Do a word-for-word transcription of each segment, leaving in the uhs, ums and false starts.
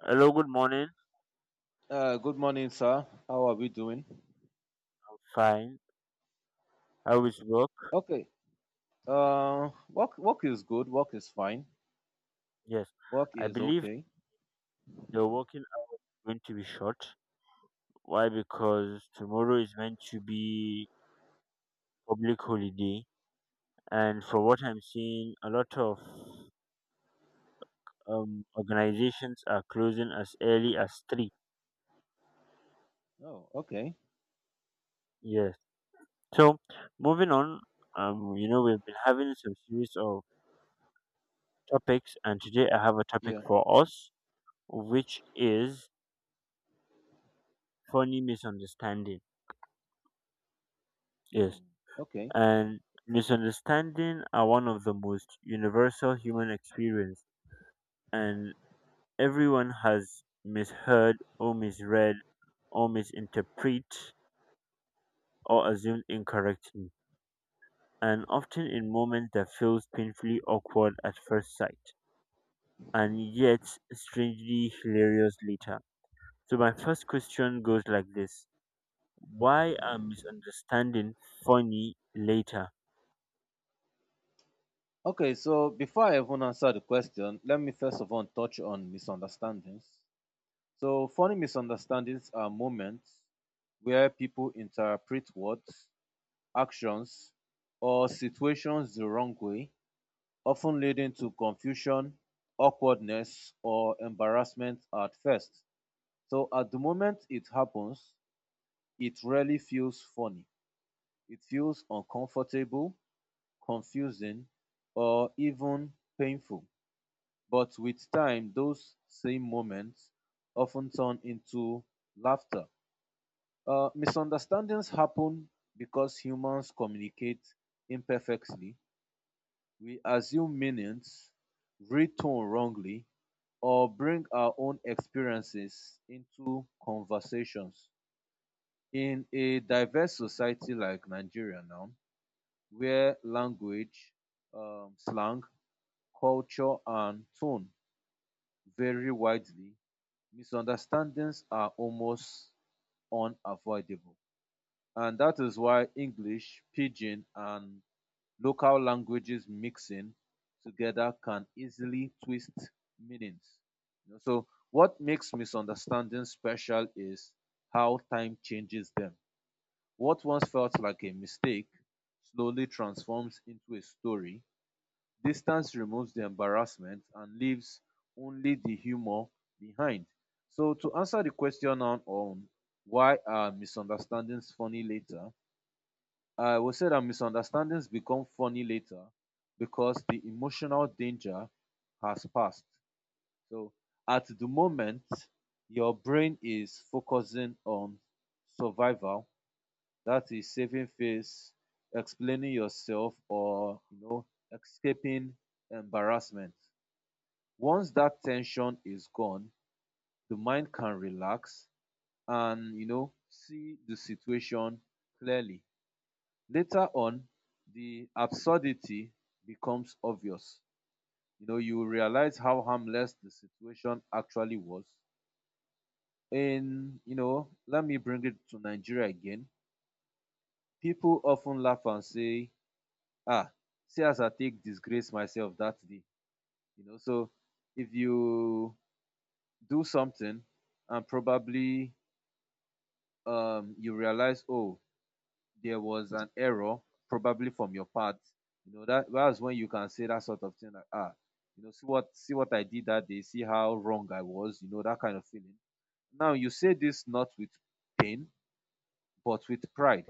Hello, good morning. Uh, good morning, sir. How are we doing? I'm fine. How is work? Okay. Uh, work work is good. Work is fine. Yes, Work I is believe okay. the working hours going to be short. Why? Because tomorrow is meant to be public holiday, and for what I'm seeing, a lot of um, organizations are closing as early as three. Oh, okay. Yes. So, moving on. Um, you know, we've been having some series of topics, and today I have a topic Yeah. for us, which is funny misunderstanding. Yes, Hmm. Okay. and misunderstanding are one of the most universal human experience, and everyone has misheard or misread or misinterpret or assumed incorrectly, and often in moments that feels painfully awkward at first sight, and yet strangely hilarious later. So my first question goes like this: why are misunderstanding funny later? Okay. So before I even answer the question, let me first of all touch on misunderstandings. So funny misunderstandings are moments where people interpret words, actions, or situations the wrong way, often leading to confusion, awkwardness, or embarrassment at first. So at the moment it happens, it really feels funny. It feels uncomfortable, confusing, or even painful. But with time, those same moments often turn into laughter. Uh, misunderstandings happen because humans communicate imperfectly. We assume meanings, read tone wrongly, or bring our own experiences into conversations. In a diverse society like Nigeria now, where language, um slang, culture and tone vary widely, misunderstandings are almost unavoidable, and that is why English, pidgin and local languages mixing together can easily twist meanings, you know. So what makes misunderstandings special is how time changes them. What once felt like a mistake slowly transforms into a story. Distance removes the embarrassment and leaves only the humor behind. So, to answer the question on, on why are misunderstandings funny later, I will say that misunderstandings become funny later because the emotional danger has passed. So, at the moment, your brain is focusing on survival, that is saving face, explaining yourself, or you know, escaping embarrassment. Once that tension is gone, the mind can relax and you know see the situation clearly. Later on, the absurdity becomes obvious. You know, you realize how harmless the situation actually was. In, you know, let me bring it to Nigeria again. People often laugh and say, ah, see as I take disgrace myself that day. You know, so if you do something and probably um you realize, oh, there was an error, probably from your part, you know, that that's when you can say that sort of thing like, ah, you know, see what see what I did that day, see how wrong I was, you know, that kind of feeling. Now you say this not with pain, but with pride,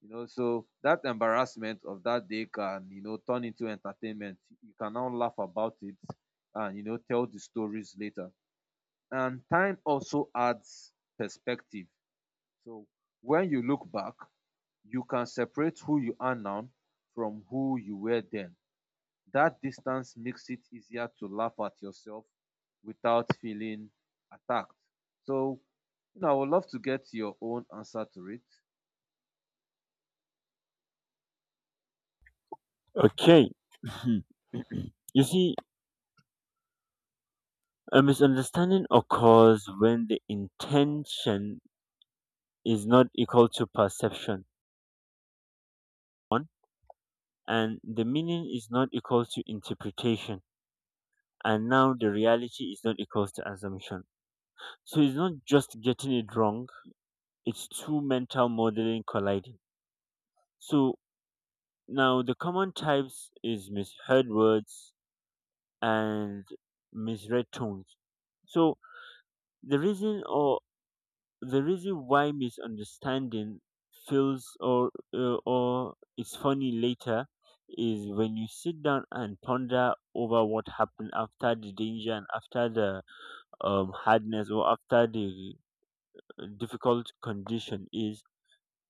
you know. So that embarrassment of that day can, you know, turn into entertainment. You can now laugh about it and you know tell the stories later. And time also adds perspective. So when you look back, you can separate who you are now from who you were then. That distance makes it easier to laugh at yourself without feeling attacked. So, you know, I would love to get your own answer to it. Okay, you see, a misunderstanding occurs when the intention is not equal to perception, one, and the meaning is not equal to interpretation, and now the reality is not equal to assumption. So it's not just getting it wrong, it's two mental modeling colliding. So now the common types is misheard words and misread tones. So the reason or the reason why misunderstanding feels or uh, or is funny later is when you sit down and ponder over what happened after the danger and after the um, hardness, or after the uh, difficult condition is,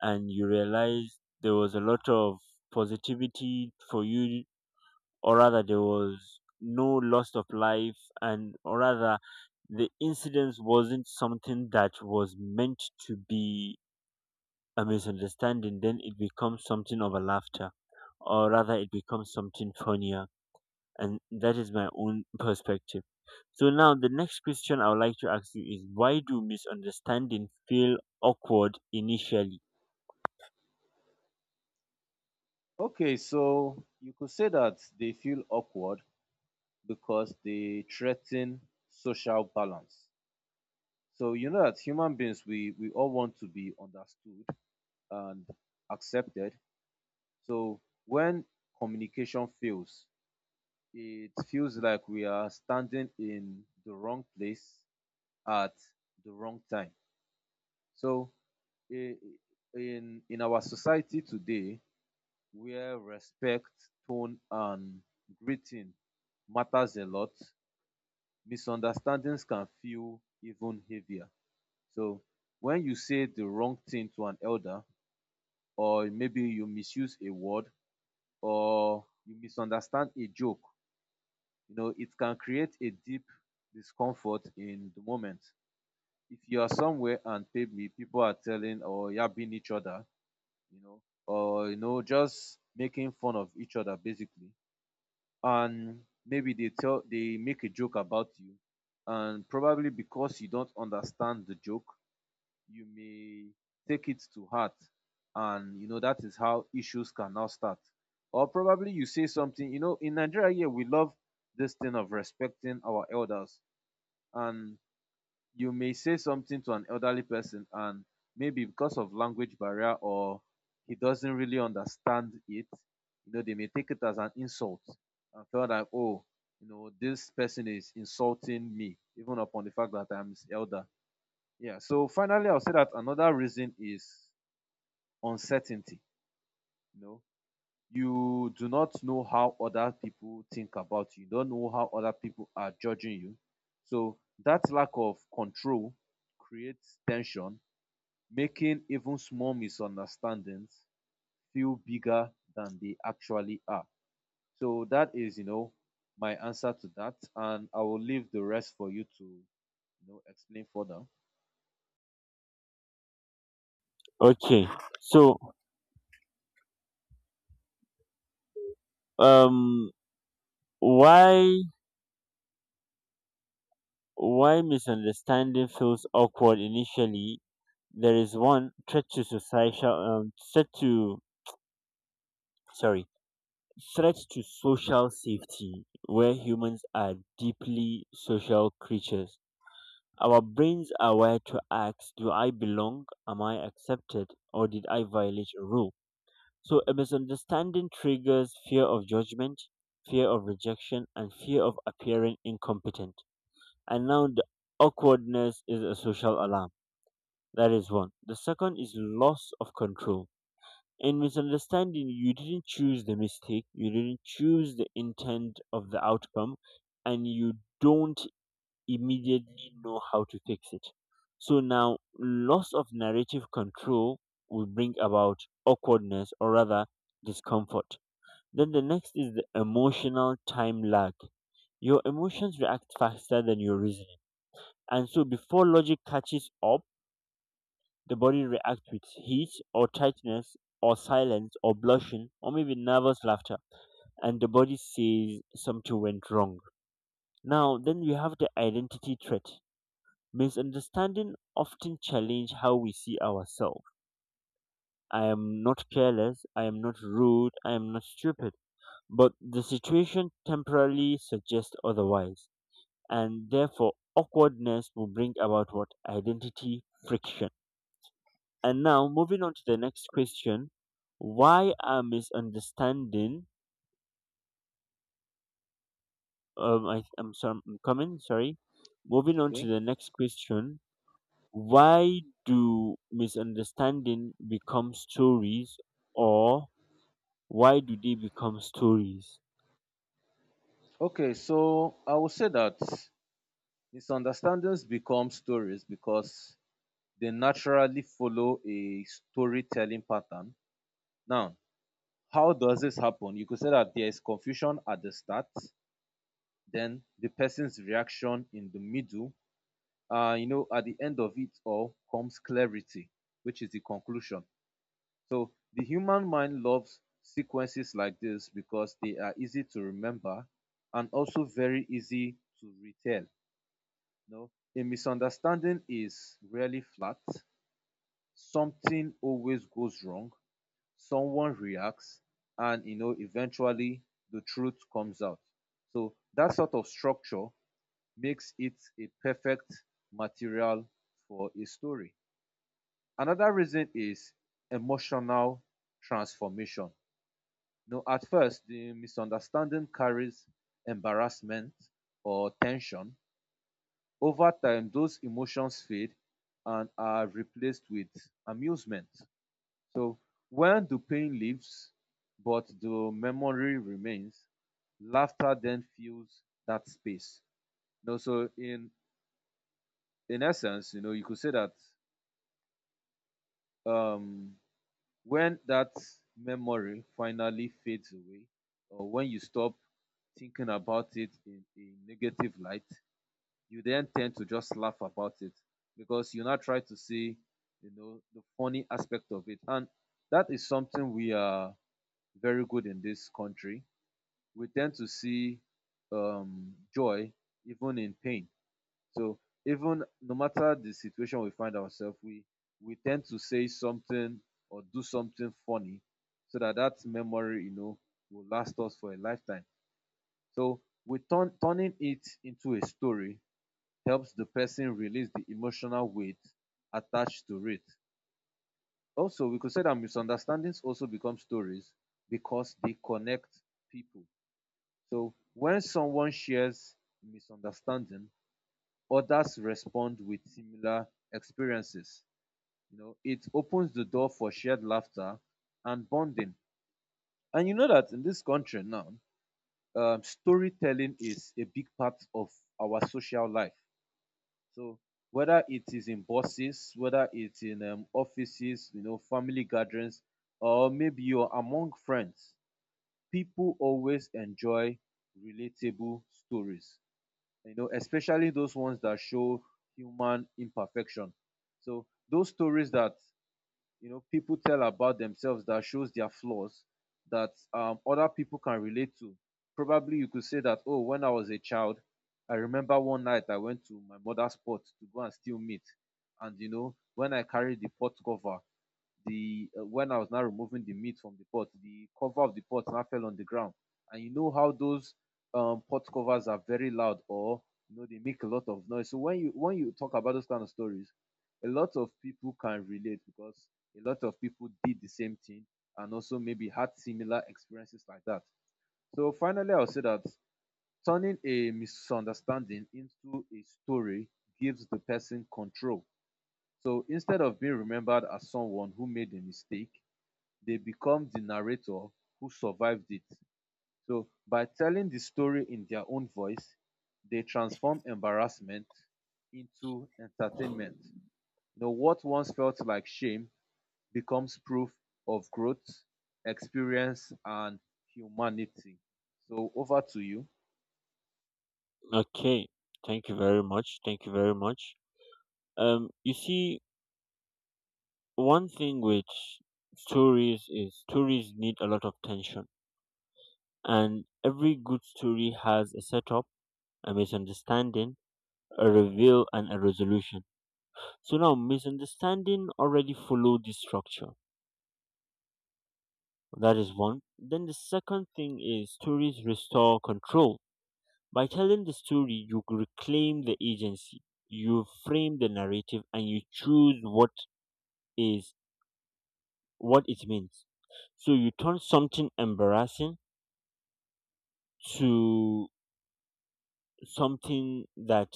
and you realize there was a lot of positivity for you, or rather there was no loss of life, and or rather the incident wasn't something that was meant to be a misunderstanding, then it becomes something of a laughter, or rather, it becomes something funnier. And that is my own perspective. So, now the next question I would like to ask you is: why do misunderstanding feel awkward initially? Okay, so you could say that they feel awkward because they threaten social balance. So you know that human beings, we we all want to be understood and accepted. So when communication fails, it feels like we are standing in the wrong place at the wrong time. So i- in in our society today, where respect, tone and greeting matters a lot, misunderstandings can feel even heavier. So when you say the wrong thing to an elder, or maybe you misuse a word, or you misunderstand a joke, you know it can create a deep discomfort in the moment. If you are somewhere and maybe people are telling or yapping each other, you know, or you know just making fun of each other basically, and maybe they tell they make a joke about you, and probably because you don't understand the joke, you may take it to heart, and you know that is how issues can now start. Or probably you say something. You know, in Nigeria here we love this thing of respecting our elders, and you may say something to an elderly person, and maybe because of language barrier or he doesn't really understand it, you know they may take it as an insult and feel like, oh, you know, this person is insulting me even upon the fact that I'm his elder. Yeah, so finally I'll say that another reason is uncertainty. You know, you do not know how other people think about you. You don't know how other people are judging you. So that lack of control creates tension, making even small misunderstandings feel bigger than they actually are. So that is, you know, my answer to that, and I will leave the rest for you to, you know, explain further. Okay, so, um, why why misunderstanding feels awkward initially? There is one threat to societal, um, threat to, sorry, threats to social safety, where humans are deeply social creatures. Our brains are wired to ask, do I belong? Am I accepted? Or did I violate a rule? So a misunderstanding triggers fear of judgment, fear of rejection, and fear of appearing incompetent. And now the awkwardness is a social alarm. That is one. The second is loss of control in misunderstanding: you didn't choose the mistake, you didn't choose the intent of the outcome, and you don't immediately know how to fix it. So now, loss of narrative control will bring about awkwardness, or rather discomfort. Then the next is the emotional time lag. Your emotions react faster than your reasoning. And so, before logic catches up, the body reacts with heat or tightness or silence or blushing or maybe nervous laughter, and the body says something went wrong. Now, then we have the identity threat. Misunderstanding often challenge how we see ourselves. I am not careless, I am not rude, I am not stupid, but the situation temporarily suggests otherwise, and therefore awkwardness will bring about what identity friction. And now moving on to the next question, why are misunderstanding? Um, I, I'm sorry, I'm coming. Sorry. Moving on to Okay. the next question, why do misunderstanding become stories, or why do they become stories? Okay. So I will say that misunderstandings become stories because they naturally follow a storytelling pattern. Now, how does this happen? You could say that there is confusion at the start, then the person's reaction in the middle, uh, you know, at the end of it all comes clarity, which is the conclusion. So the human mind loves sequences like this because they are easy to remember and also very easy to retell. No, a misunderstanding is rarely flat. Something always goes wrong, someone reacts, and you know eventually the truth comes out. So that sort of structure makes it a perfect material for a story. Another reason is emotional transformation. Now, at first the misunderstanding carries embarrassment or tension. Over time those emotions fade and are replaced with amusement. So when the pain leaves, but the memory remains, laughter then fills that space. You know, so in in essence, you know, you could say that um, when that memory finally fades away, or when you stop thinking about it in a negative light, you then tend to just laugh about it because you now try to see, you know, the funny aspect of it, and that is something we are very good in this country. We tend to see um, joy even in pain. So even no matter the situation we find ourselves, we we tend to say something or do something funny so that that memory, you know, will last us for a lifetime. So we turn turning it into a story helps the person release the emotional weight attached to it. Also, we could say that misunderstandings also become stories because they connect people. So when someone shares misunderstanding, others respond with similar experiences. You know, it opens the door for shared laughter and bonding. And you know that in this country now, um, storytelling is a big part of our social life. So whether it is in buses, whether it's in um, offices, you know, family gatherings, or maybe you're among friends, people always enjoy relatable stories, you know, especially those ones that show human imperfection. So those stories that you know people tell about themselves that shows their flaws that um, other people can relate to. Probably you could say that, oh, when I was a child, I remember one night I went to my mother's pot to go and steal meat, and you know when I carried the pot cover, the uh, when I was now removing the meat from the pot, the cover of the pot now fell on the ground. And you know how those um, pot covers are very loud, or you know they make a lot of noise. So when you when you talk about those kind of stories, a lot of people can relate because a lot of people did the same thing and also maybe had similar experiences like that. So finally, I'll say that turning a misunderstanding into a story gives the person control. So instead of being remembered as someone who made a mistake, they become the narrator who survived it. So by telling the story in their own voice, they transform embarrassment into entertainment. You know, what once felt like shame becomes proof of growth, experience, and humanity. So over to you. Okay, thank you very much. Thank you very much. Um, you see, one thing with stories is stories need a lot of tension, and every good story has a setup, a misunderstanding, a reveal, and a resolution. So now, misunderstanding already follow this structure. That is one. Then the second thing is stories restore control. By telling the story, you reclaim the agency. You frame the narrative and you choose what is what it means. So you turn something embarrassing to something that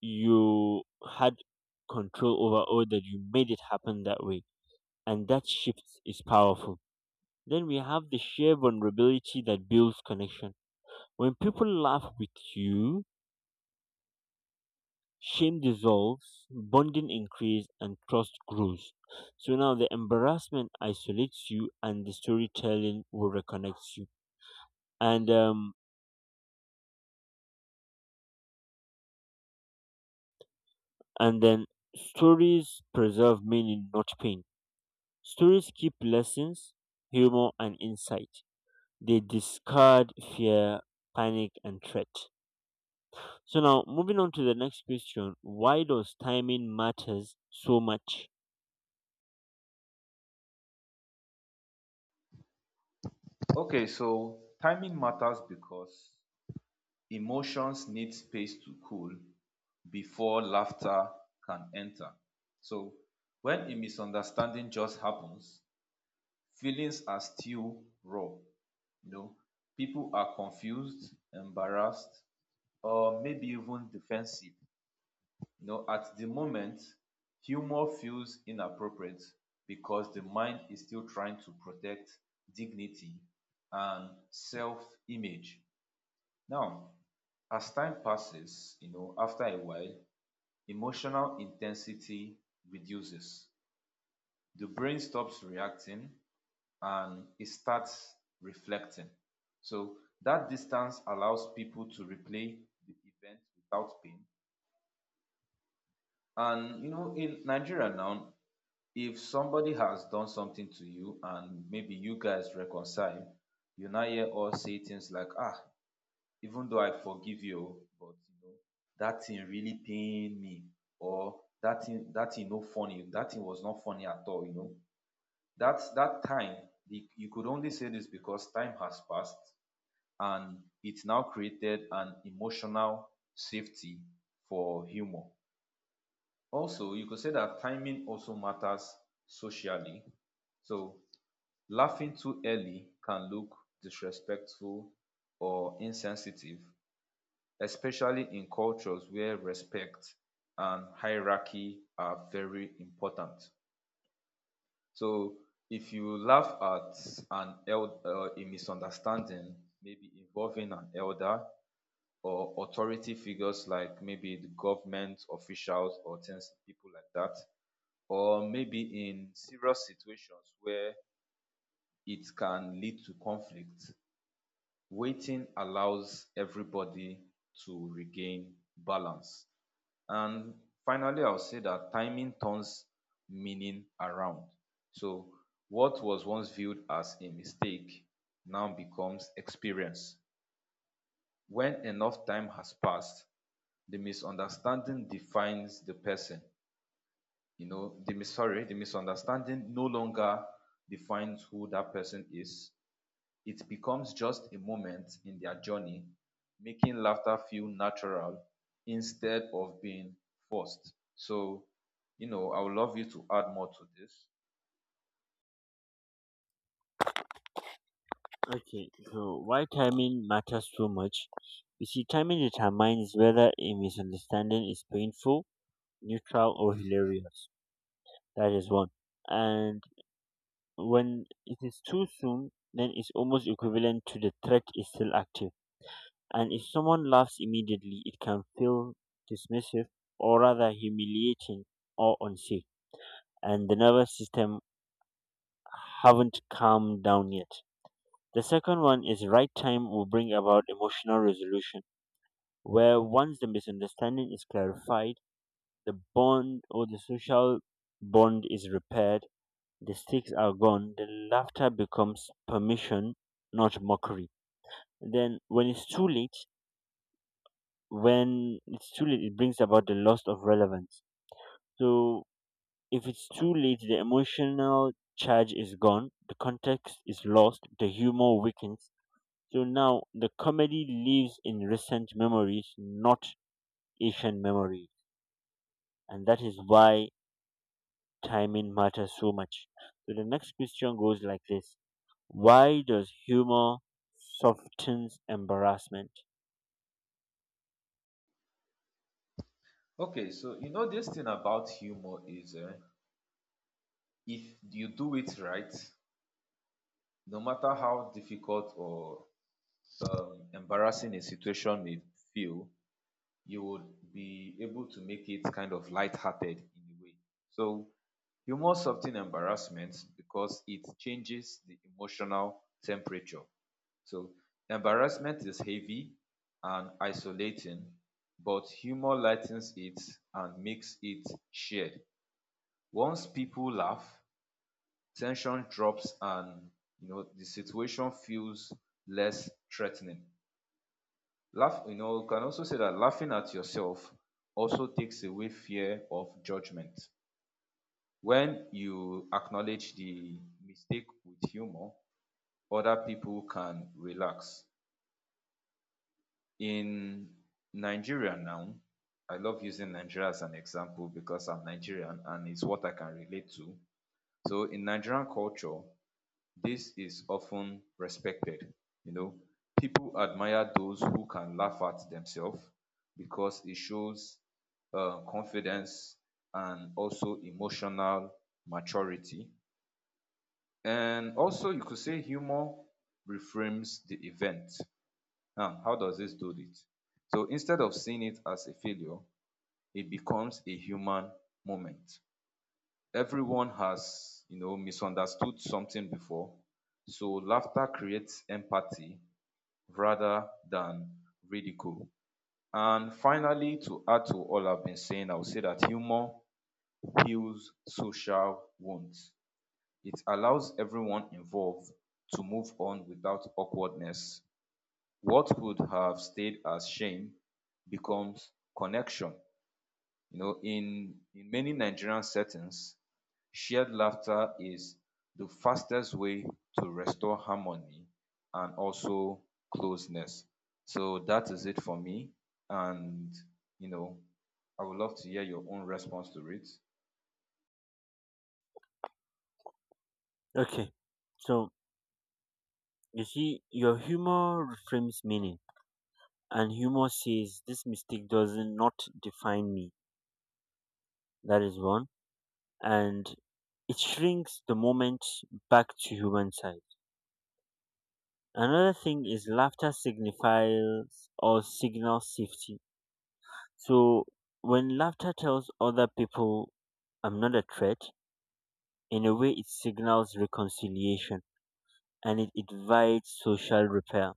you had control over, or that you made it happen that way. And that shift is powerful. Then we have the shared vulnerability that builds connection. When people laugh with you, shame dissolves, bonding increases, and trust grows. So now the embarrassment isolates you, and the storytelling will reconnect you. And um, and then stories preserve meaning, not pain. Stories keep lessons, humor, and insight. They discard fear, panic, and threat. So now moving on to the next question, why does timing matters so much? Okay, so timing matters because emotions need space to cool before laughter can enter. So when a misunderstanding just happens, feelings are still raw. You know, people are confused, embarrassed, or maybe even defensive. You know, at the moment, humor feels inappropriate because the mind is still trying to protect dignity and self-image. Now, as time passes, you know, after a while, emotional intensity reduces, the brain stops reacting and it starts reflecting. So that distance allows people to replay the event without pain. And you know, in Nigeria now, if somebody has done something to you and maybe you guys reconcile, you now hear us say things like, ah, even though I forgive you but you know that thing really pain me, or that thing that thing no funny, that thing was not funny at all, you know. Dat that time the, you could only say this because time has passed and it now created an emotional safety for humour. Also you could say that timing also matters socially. So laughing too early can look disrespectful or insensitive, especially in cultures where respect and hierarchy are very important. So if you laugh at an el- uh, a misunderstanding, maybe involving an elder or authority figures like maybe the government officials or things people like that, or maybe in serious situations where it can lead to conflict, waiting allows everybody to regain balance. And finally, I'll say that timing turns meaning around. So, what was once viewed as a mistake now becomes experience. When enough time has passed, the misunderstanding defines the person. You know, the mis- sorry, the misunderstanding no longer defines who that person is. It becomes just a moment in their journey, making laughter feel natural instead of being forced. So, you know, I would love you to add more to this. Okay, so why timing matters so much? You see, timing determines whether a misunderstanding is painful, neutral, or hilarious. That is one. And when it is too soon, then it's almost equivalent to the threat is still active. And if someone laughs immediately, it can feel dismissive, or rather humiliating or unsafe. And the nervous system haven't calmed down yet. The second one is right time will bring about emotional resolution, where once the misunderstanding is clarified, the bond or the social bond is repaired, the sticks are gone, the laughter becomes permission, not mockery. Then, when it's too late, when it's too late, it brings about the loss of relevance. So, if it's too late, the emotional charge is gone, the context is lost, the humor weakens. So now the comedy lives in recent memories, not Asian memory. And that is why timing matters so much. So the next question goes like this: why does humor softens embarrassment? Okay, so you know this thing about humor is uh, if you do it right, no matter how difficult or um, embarrassing a situation may feel, you would be able to make it kind of lighthearted in a way. So humor softens embarrassment because it changes the emotional temperature. So embarrassment is heavy and isolating, but humor lightens it and makes it shared. Once people laugh, tension drops and you know the situation feels less threatening laugh, you know, you can also say that laughing at yourself also takes away fear of judgment. When you acknowledge the mistake with humor, other people can relax. In Nigeria now, I love using Nigeria as an example because I'm Nigerian and it's what I can relate to. So in Nigerian culture, this is often respected. You know, people admire those who can laugh at themselves because it shows uh, confidence and also emotional maturity. And also, you could say humor reframes the event. Now, how does this do it? So instead of seeing it as a failure, it becomes a human moment. Everyone has, you know, misunderstood something before, so laughter creates empathy rather than ridicule. And finally, to add to all I've been saying, I would say that humor heals social wounds. It allows everyone involved to move on without awkwardness. What would have stayed as shame becomes connection. You know, in in many Nigerian settings, shared laughter is the fastest way to restore harmony and also closeness. So that is it for me. And, you know, I would love to hear your own response to it. Okay, so you see, your humor reframes meaning, and humor says this mistake does not define me. That is one. And it shrinks the moment back to human size. Another thing is laughter signifies or signals safety. So when laughter tells other people I'm not a threat, in a way it signals reconciliation and it invites social repair.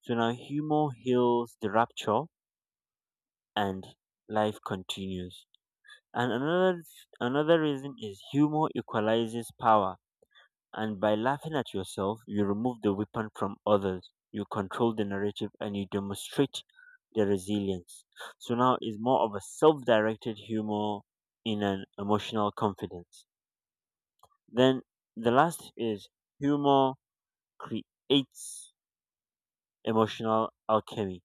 So now humor heals the rupture and life continues. And another another reason is humor equalizes power. And by laughing at yourself, you remove the weapon from others, you control the narrative, and you demonstrate the resilience. So now it's more of a self directed humor in an emotional confidence. Then the last is humor creates emotional alchemy.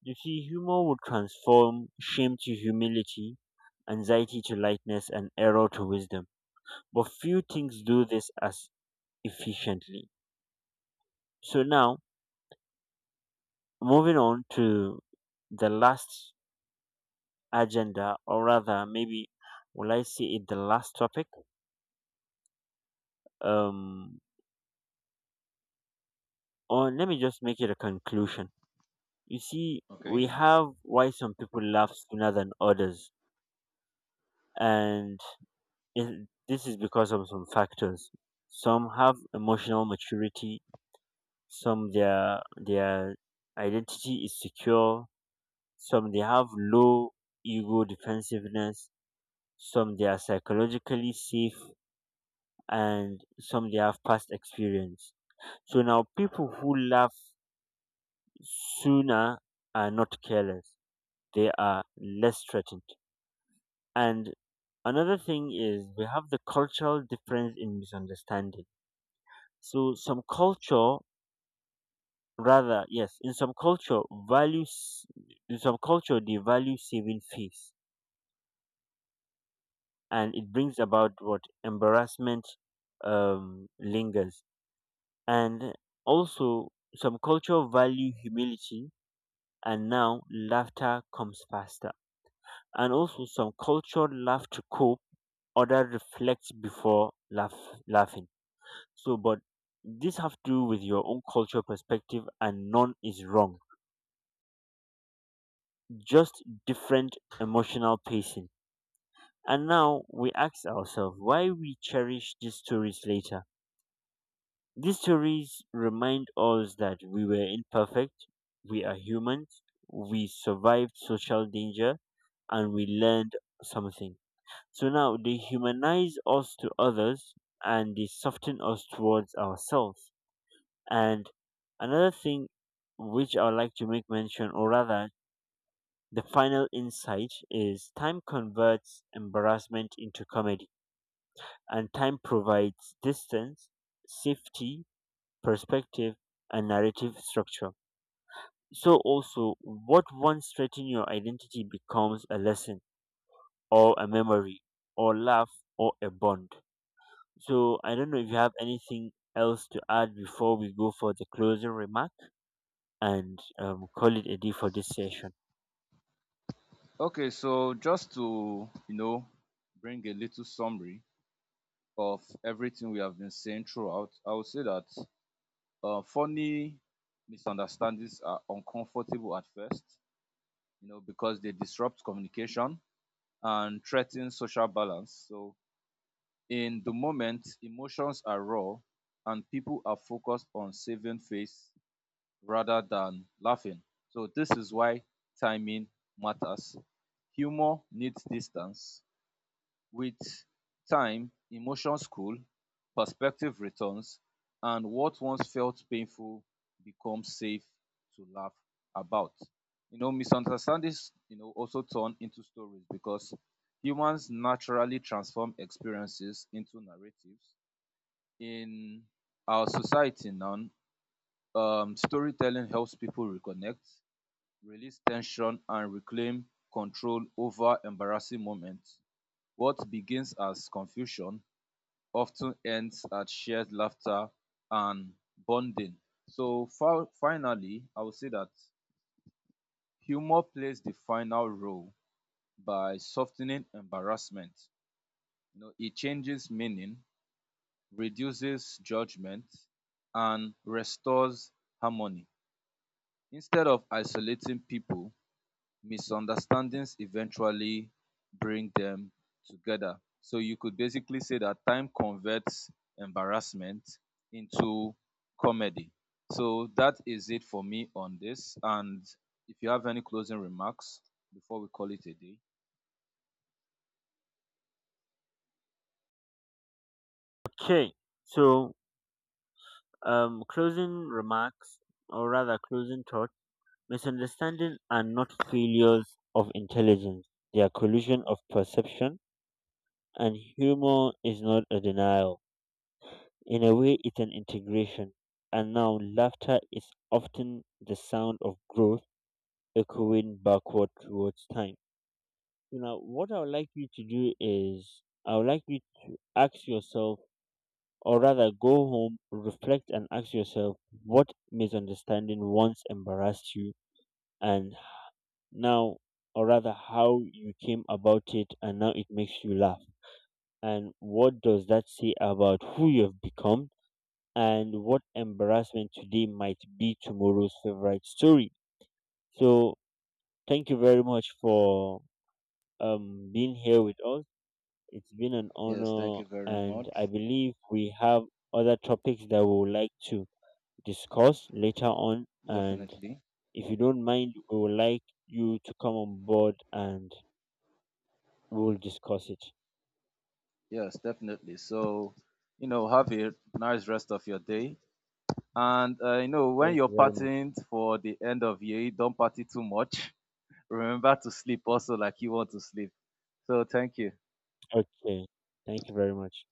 You see, humor would transform shame to humility, anxiety to lightness, and error to wisdom. But few things do this as efficiently. So now, moving on to the last agenda, or rather, maybe will I say it the last topic? Um, or let me just make it a conclusion. You see, we Okay. have why some people laugh sooner than others, and it, this is because of some factors. Some have emotional maturity. Some their their identity is secure. Some they have low ego defensiveness. Some they are psychologically safe, and some they have past experience. So now people who laugh sooner are not careless. They are less threatened. And another thing is we have the cultural difference in misunderstanding. So some culture, rather yes, in some culture values, in some culture they value saving face, and it brings about what embarrassment um lingers. And also some culture value humility, and now laughter comes faster. And also, some culture laugh to cope, other reflect before laugh, laughing. So, but this have to do with your own cultural perspective, and none is wrong. Just different emotional pacing. And now we ask ourselves why we cherish these stories later. These stories remind us that we were imperfect, we are humans, we survived social danger, and we learned something. So now they humanize us to others and they soften us towards ourselves. And another thing which I would like to make mention, or rather, the final insight is time converts embarrassment into comedy, and time provides distance, safety, perspective, and narrative structure. So, also, what once threatened your identity becomes a lesson, or a memory, or laugh, or a bond. So I don't know if you have anything else to add before we go for the closing remark and um, call it a day for this session. Okay. So just to, you know, bring a little summary of everything we have been saying throughout, I would say that uh, funny misunderstandings are uncomfortable at first, you know, because they disrupt communication and threaten social balance. So, in the moment, emotions are raw and people are focused on saving face rather than laughing. So, this is why timing matters. Humor needs distance. With time, emotions cool, perspective returns, and what once felt painful becomes safe to laugh about. You know, misunderstandings, you know, also turn into stories because humans naturally transform experiences into narratives. In our society now, um, storytelling helps people reconnect, release tension, and reclaim control over embarrassing moments. What begins as confusion often ends at shared laughter and bonding. So fi- finally, I would say that humor plays the final role by softening embarrassment. You know, it changes meaning, reduces judgment, and restores harmony. Instead of isolating people, misunderstandings eventually bring them together. So you could basically say that time converts embarrassment into comedy. So that is it for me on this. And if you have any closing remarks before we call it a day. Okay, so um, closing remarks, or rather closing thought, misunderstanding are not failures of intelligence. They are collision of perception, and humor is not a denial. In a way, it's an integration. And now, laughter is often the sound of growth echoing backward towards time. So now, what I would like you to do is, I would like you to ask yourself, or rather go home, reflect, and ask yourself what misunderstanding once embarrassed you, and now, or rather, how you came about it, and now it makes you laugh. And what does that say about who you've become, and what embarrassment today might be tomorrow's favorite story? So, thank you very much for um, being here with us. It's been an Yes, thank honor, you very and I much. believe we have other topics that we would like to discuss later on. And Definitely. if you don't mind, we would like you to come on board and we will discuss it. Yes, definitely. So, you know, have a nice rest of your day. And, uh, you know, when Thank you're you very much. partying for the end of year, don't party too much. Remember to sleep also like you want to sleep. So thank you. Okay. Thank you very much.